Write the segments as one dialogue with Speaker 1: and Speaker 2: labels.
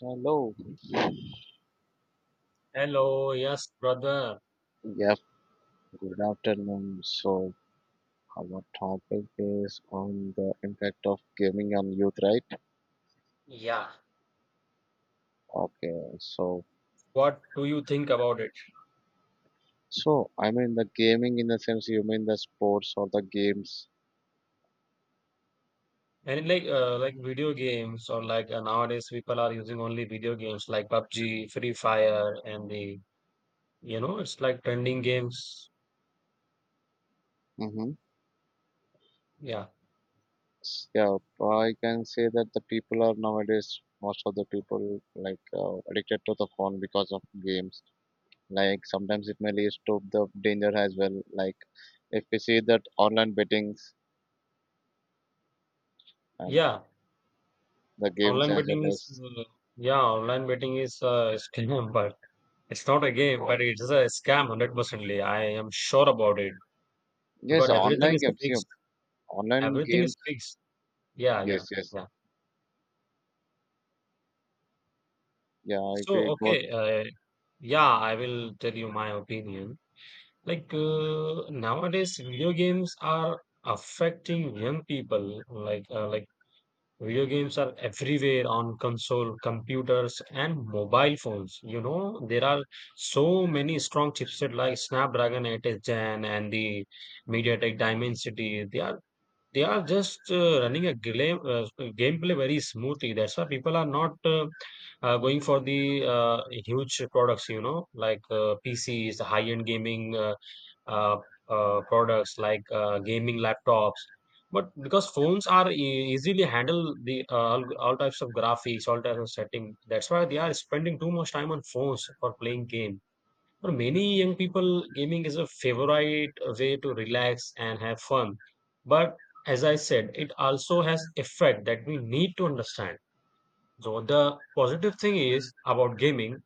Speaker 1: Hello.
Speaker 2: Hello, yes, brother.
Speaker 1: Yep. Good afternoon. So our topic is on the impact of gaming on youth, right?
Speaker 2: Yeah.
Speaker 1: Okay. So
Speaker 2: What do you think about it?
Speaker 1: so I mean the gaming in the sense you mean the sports or the games.
Speaker 2: And like video games or like nowadays people are using only video games like PUBG, Free Fire, and the it's like trending games.
Speaker 1: Mm-hmm.
Speaker 2: Yeah,
Speaker 1: Yeah. I can say that the people are nowadays most of the people addicted to the phone because of games. Like sometimes it may lead to the danger as well. Like if we see that online bettings and
Speaker 2: yeah.
Speaker 1: the games
Speaker 2: Online
Speaker 1: as
Speaker 2: betting
Speaker 1: well
Speaker 2: is
Speaker 1: as
Speaker 2: uh, yeah, online betting is a scam, but it's not a game, but it's a scam hundred percently. I am sure about it
Speaker 1: yes,
Speaker 2: because everything
Speaker 1: online
Speaker 2: is
Speaker 1: games. Yeah,
Speaker 2: fixed.
Speaker 1: online
Speaker 2: Everything
Speaker 1: games.
Speaker 2: is fixed. Yeah,
Speaker 1: Yes,
Speaker 2: yeah,
Speaker 1: yes.
Speaker 2: yeah.
Speaker 1: Yeah, it
Speaker 2: So
Speaker 1: will go.
Speaker 2: okay, Yeah, I will tell you my opinion. Like nowadays, video games are affecting young people. Like video games are everywhere on console, computers, and mobile phones. You know, there are so many strong chipset like Snapdragon 8th Gen and the MediaTek Dimensity. They are just running a game gameplay very smoothly. That's why people are not going for the huge products, you know, like PCs, the high-end gaming uh, products like gaming laptops. But because phones are easily handle the all types of graphics, all types of setting, that's why they are spending too much time on phones for playing game. For many young people, gaming is a favorite way to relax and have fun. But as I said, it also has effect that we need to understand. So the positive thing is about gaming,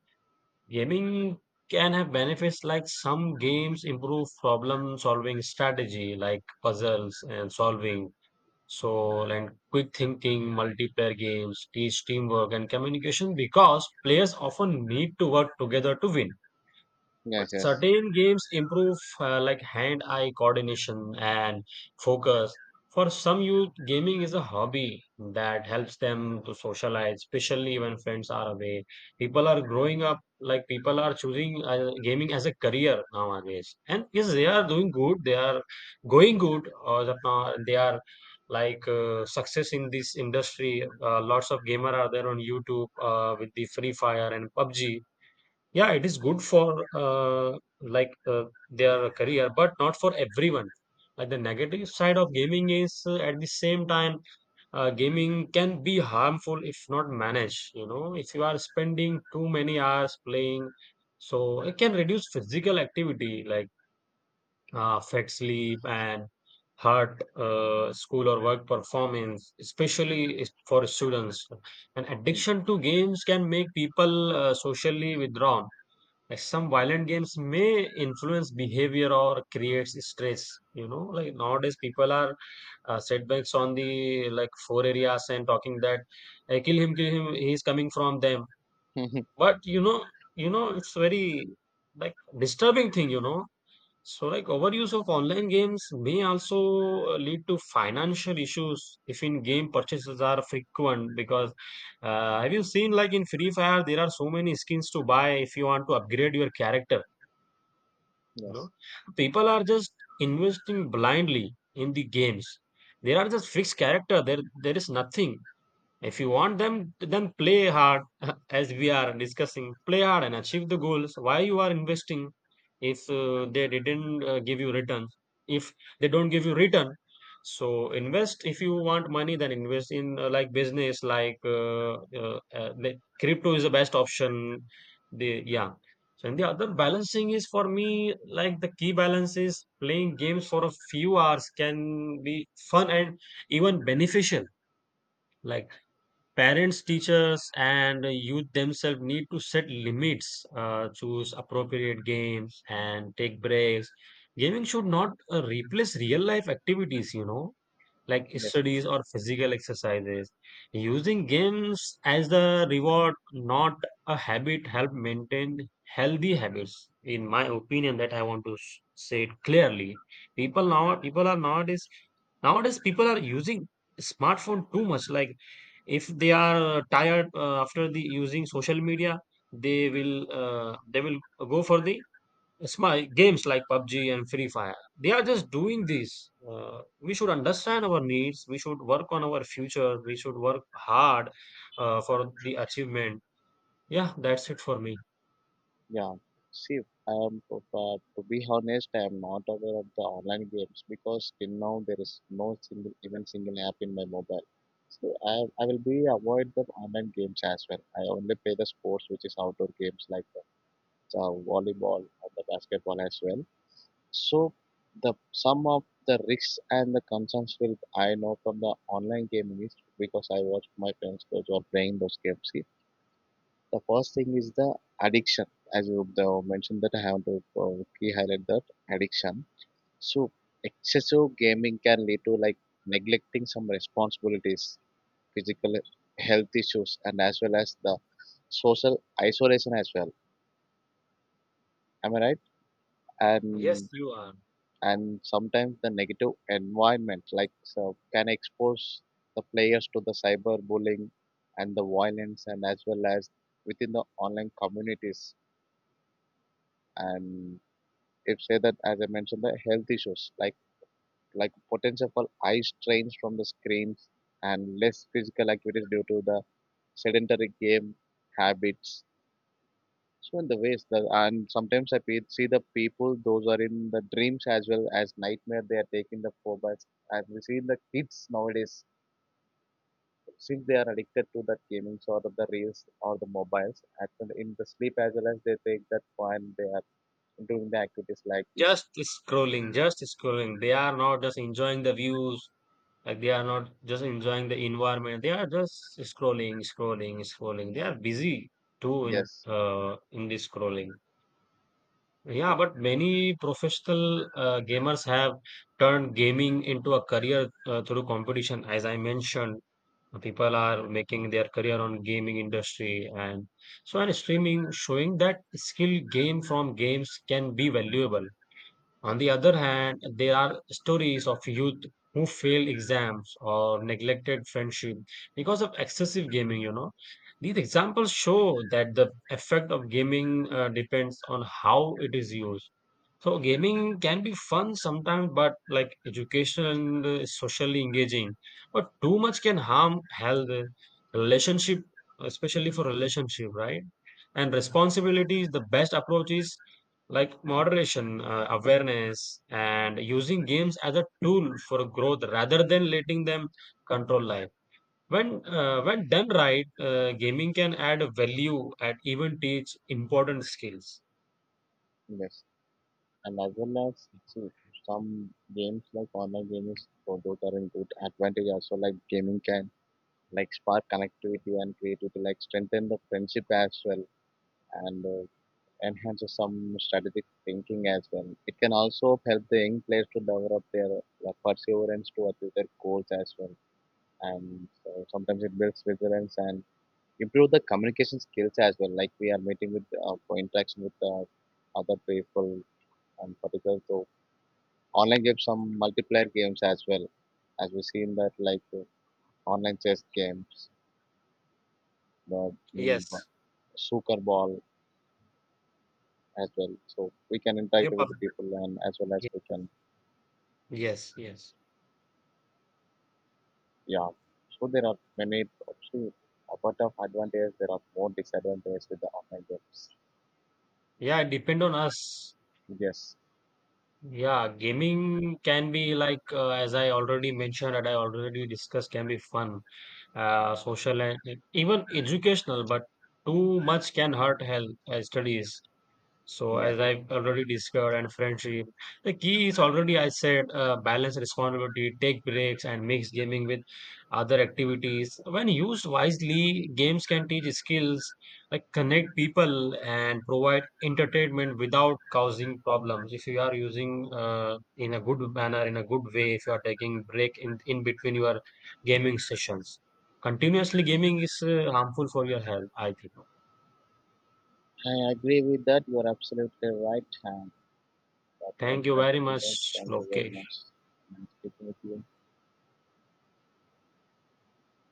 Speaker 2: gaming can have benefits like some games improve problem solving strategy like puzzles and solving. So and quick thinking, multiplayer games, teach teamwork and communication because players often need to work together to win. But
Speaker 1: Yes, yes.
Speaker 2: certain games improve like hand-eye coordination and focus. For some youth, gaming is a hobby that helps them to socialize, especially when friends are away. People are growing up, like people are choosing gaming as a career nowadays. And yes, they are doing good, they are going good, or that now they are like success in this industry. Lots of gamer are there on YouTube with the Free Fire and PUBG, yeah, it is good for like their career, but not for everyone. The negative side of gaming is at the same time, gaming can be harmful if not managed. You know, if you are spending too many hours playing, so it can reduce physical activity like affect sleep and heart, school or work performance, especially for students. And addiction to games can make people socially withdrawn like some violent games may influence behavior or creates stress. You know, like nowadays people are setbacks on the like four areas and talking that I kill him, kill him. He's coming from them. But you know, it's very like disturbing thing. You know, so like overuse of online games may also lead to financial issues if in-game purchases are frequent. Because have you seen like in Free Fire there are so many skins to buy if you want to upgrade your character. You know,
Speaker 1: Yes,
Speaker 2: people are just investing blindly in the games. There are just fixed character, there is nothing. If you want them, then play hard, as we are discussing. Play hard and achieve the goals. Why you are investing? If they didn't give you return, if they don't give you return, so invest. If you want money, then invest in like business, like the crypto is the best option. The yeah. So and the other balancing is for me like the key balance is playing games for a few hours can be fun and even beneficial like parents, teachers, and youth themselves need to set limits, choose appropriate games, and take breaks. Gaming should not replace real life activities, you know, like
Speaker 1: yes.
Speaker 2: studies or physical exercises. Using games as the reward, not a habit, help maintain healthy habits. In my opinion, that I want to say it clearly. People now, people are nowadays, nowadays people are using smartphone too much. Like if they are tired after the using social media, they will go for the it's my games like PUBG and Free Fire. They are just doing this. We should understand our needs. We should work on our future. We should work hard for the achievement. Yeah, that's it for me.
Speaker 1: Yeah. See, if, to be honest, I am not aware of the online games because till now there is no single, even single app in my mobile. So I will be avoid the online games as well. I only play the sports, which is outdoor games like the volleyball or the basketball as well. So the some of the risks and the concerns will I know from the online gaming is because I watch my friends those who are playing those games. See, the first thing is the addiction, as you the mentioned that I have to key highlight that addiction. So excessive gaming can lead to like neglecting some responsibilities, physical health issues, and as well as the social isolation as well. Am I right?
Speaker 2: Yes,
Speaker 1: And
Speaker 2: you are
Speaker 1: and sometimes the negative environment like so can expose the players to the cyberbullying and the violence and as well as within the online communities and if say that as I mentioned the health issues like potential for eye strains from the screens and less physical activities due to the sedentary game habits. So in the ways that, and sometimes I see the people; those are in the dreams as well as nightmare. They are taking the four phobias, and we see the kids nowadays since they are addicted to that gaming or the reels or the mobiles. In the sleep as well as they take that fun, they are doing the activities like this.
Speaker 2: just scrolling, just scrolling. They are not just enjoying the views. Like they are not just enjoying the environment. They are just scrolling, scrolling, scrolling. They are busy too in
Speaker 1: Yes,
Speaker 2: uh, in this scrolling. Yeah,
Speaker 1: yes,
Speaker 2: but many professional gamers have turned gaming into a career through competition. As I mentioned, people are making their career on gaming industry, and so and streaming showing that skill gained from games can be valuable. On the other hand, there are stories of youth who fail exams or neglected friendship because of excessive gaming, you know. These examples show that the effect of gaming depends on how it is used. So gaming can be fun sometimes, but like educational and socially engaging. But too much can harm health, relationship, especially for relationship, right? And responsibility is the best approach is like moderation, awareness, and using games as a tool for growth rather than letting them control life. When done right, gaming can add value and even teach important skills.
Speaker 1: yes, and as well as see some games like online games. So those are in good advantage also. Like gaming can like spark connectivity and creativity, like strengthen the friendship as well and enhances some strategic thinking as well. It can also help the young players to develop their perseverance to achieve their goals as well. And so sometimes it builds resilience and improve the communication skills as well. Like we are meeting with for interaction with other people and particularly so online games, some multiplayer games as well, as we see in that online chess games, the um,
Speaker 2: Yes.
Speaker 1: soccer ball as well. So we can interact
Speaker 2: Yep.
Speaker 1: with the people and as well as we can
Speaker 2: Yes, yes.
Speaker 1: yeah. So there are many also apart of advantages, there are more disadvantages with the online games.
Speaker 2: Yeah, it depend on us.
Speaker 1: Yes.
Speaker 2: Yeah, gaming can be like as I already mentioned and I already discussed can be fun, social and even educational, but too much can hurt health studies. So
Speaker 1: Yeah.
Speaker 2: as I've already discussed, and friendship, the key is already I said balance responsibility, take breaks, and mix gaming with other activities. When used wisely, games can teach skills like connect people and provide entertainment without causing problems. If you are using in a good manner, in a good way, if you are taking break in between your gaming sessions, continuously gaming is harmful for your health. I think.
Speaker 1: I agree with that. You are absolutely right. And that was
Speaker 2: Thank you
Speaker 1: my
Speaker 2: very
Speaker 1: opinion.
Speaker 2: much.
Speaker 1: Thank you
Speaker 2: Okay.
Speaker 1: very much. Nice speaking with you.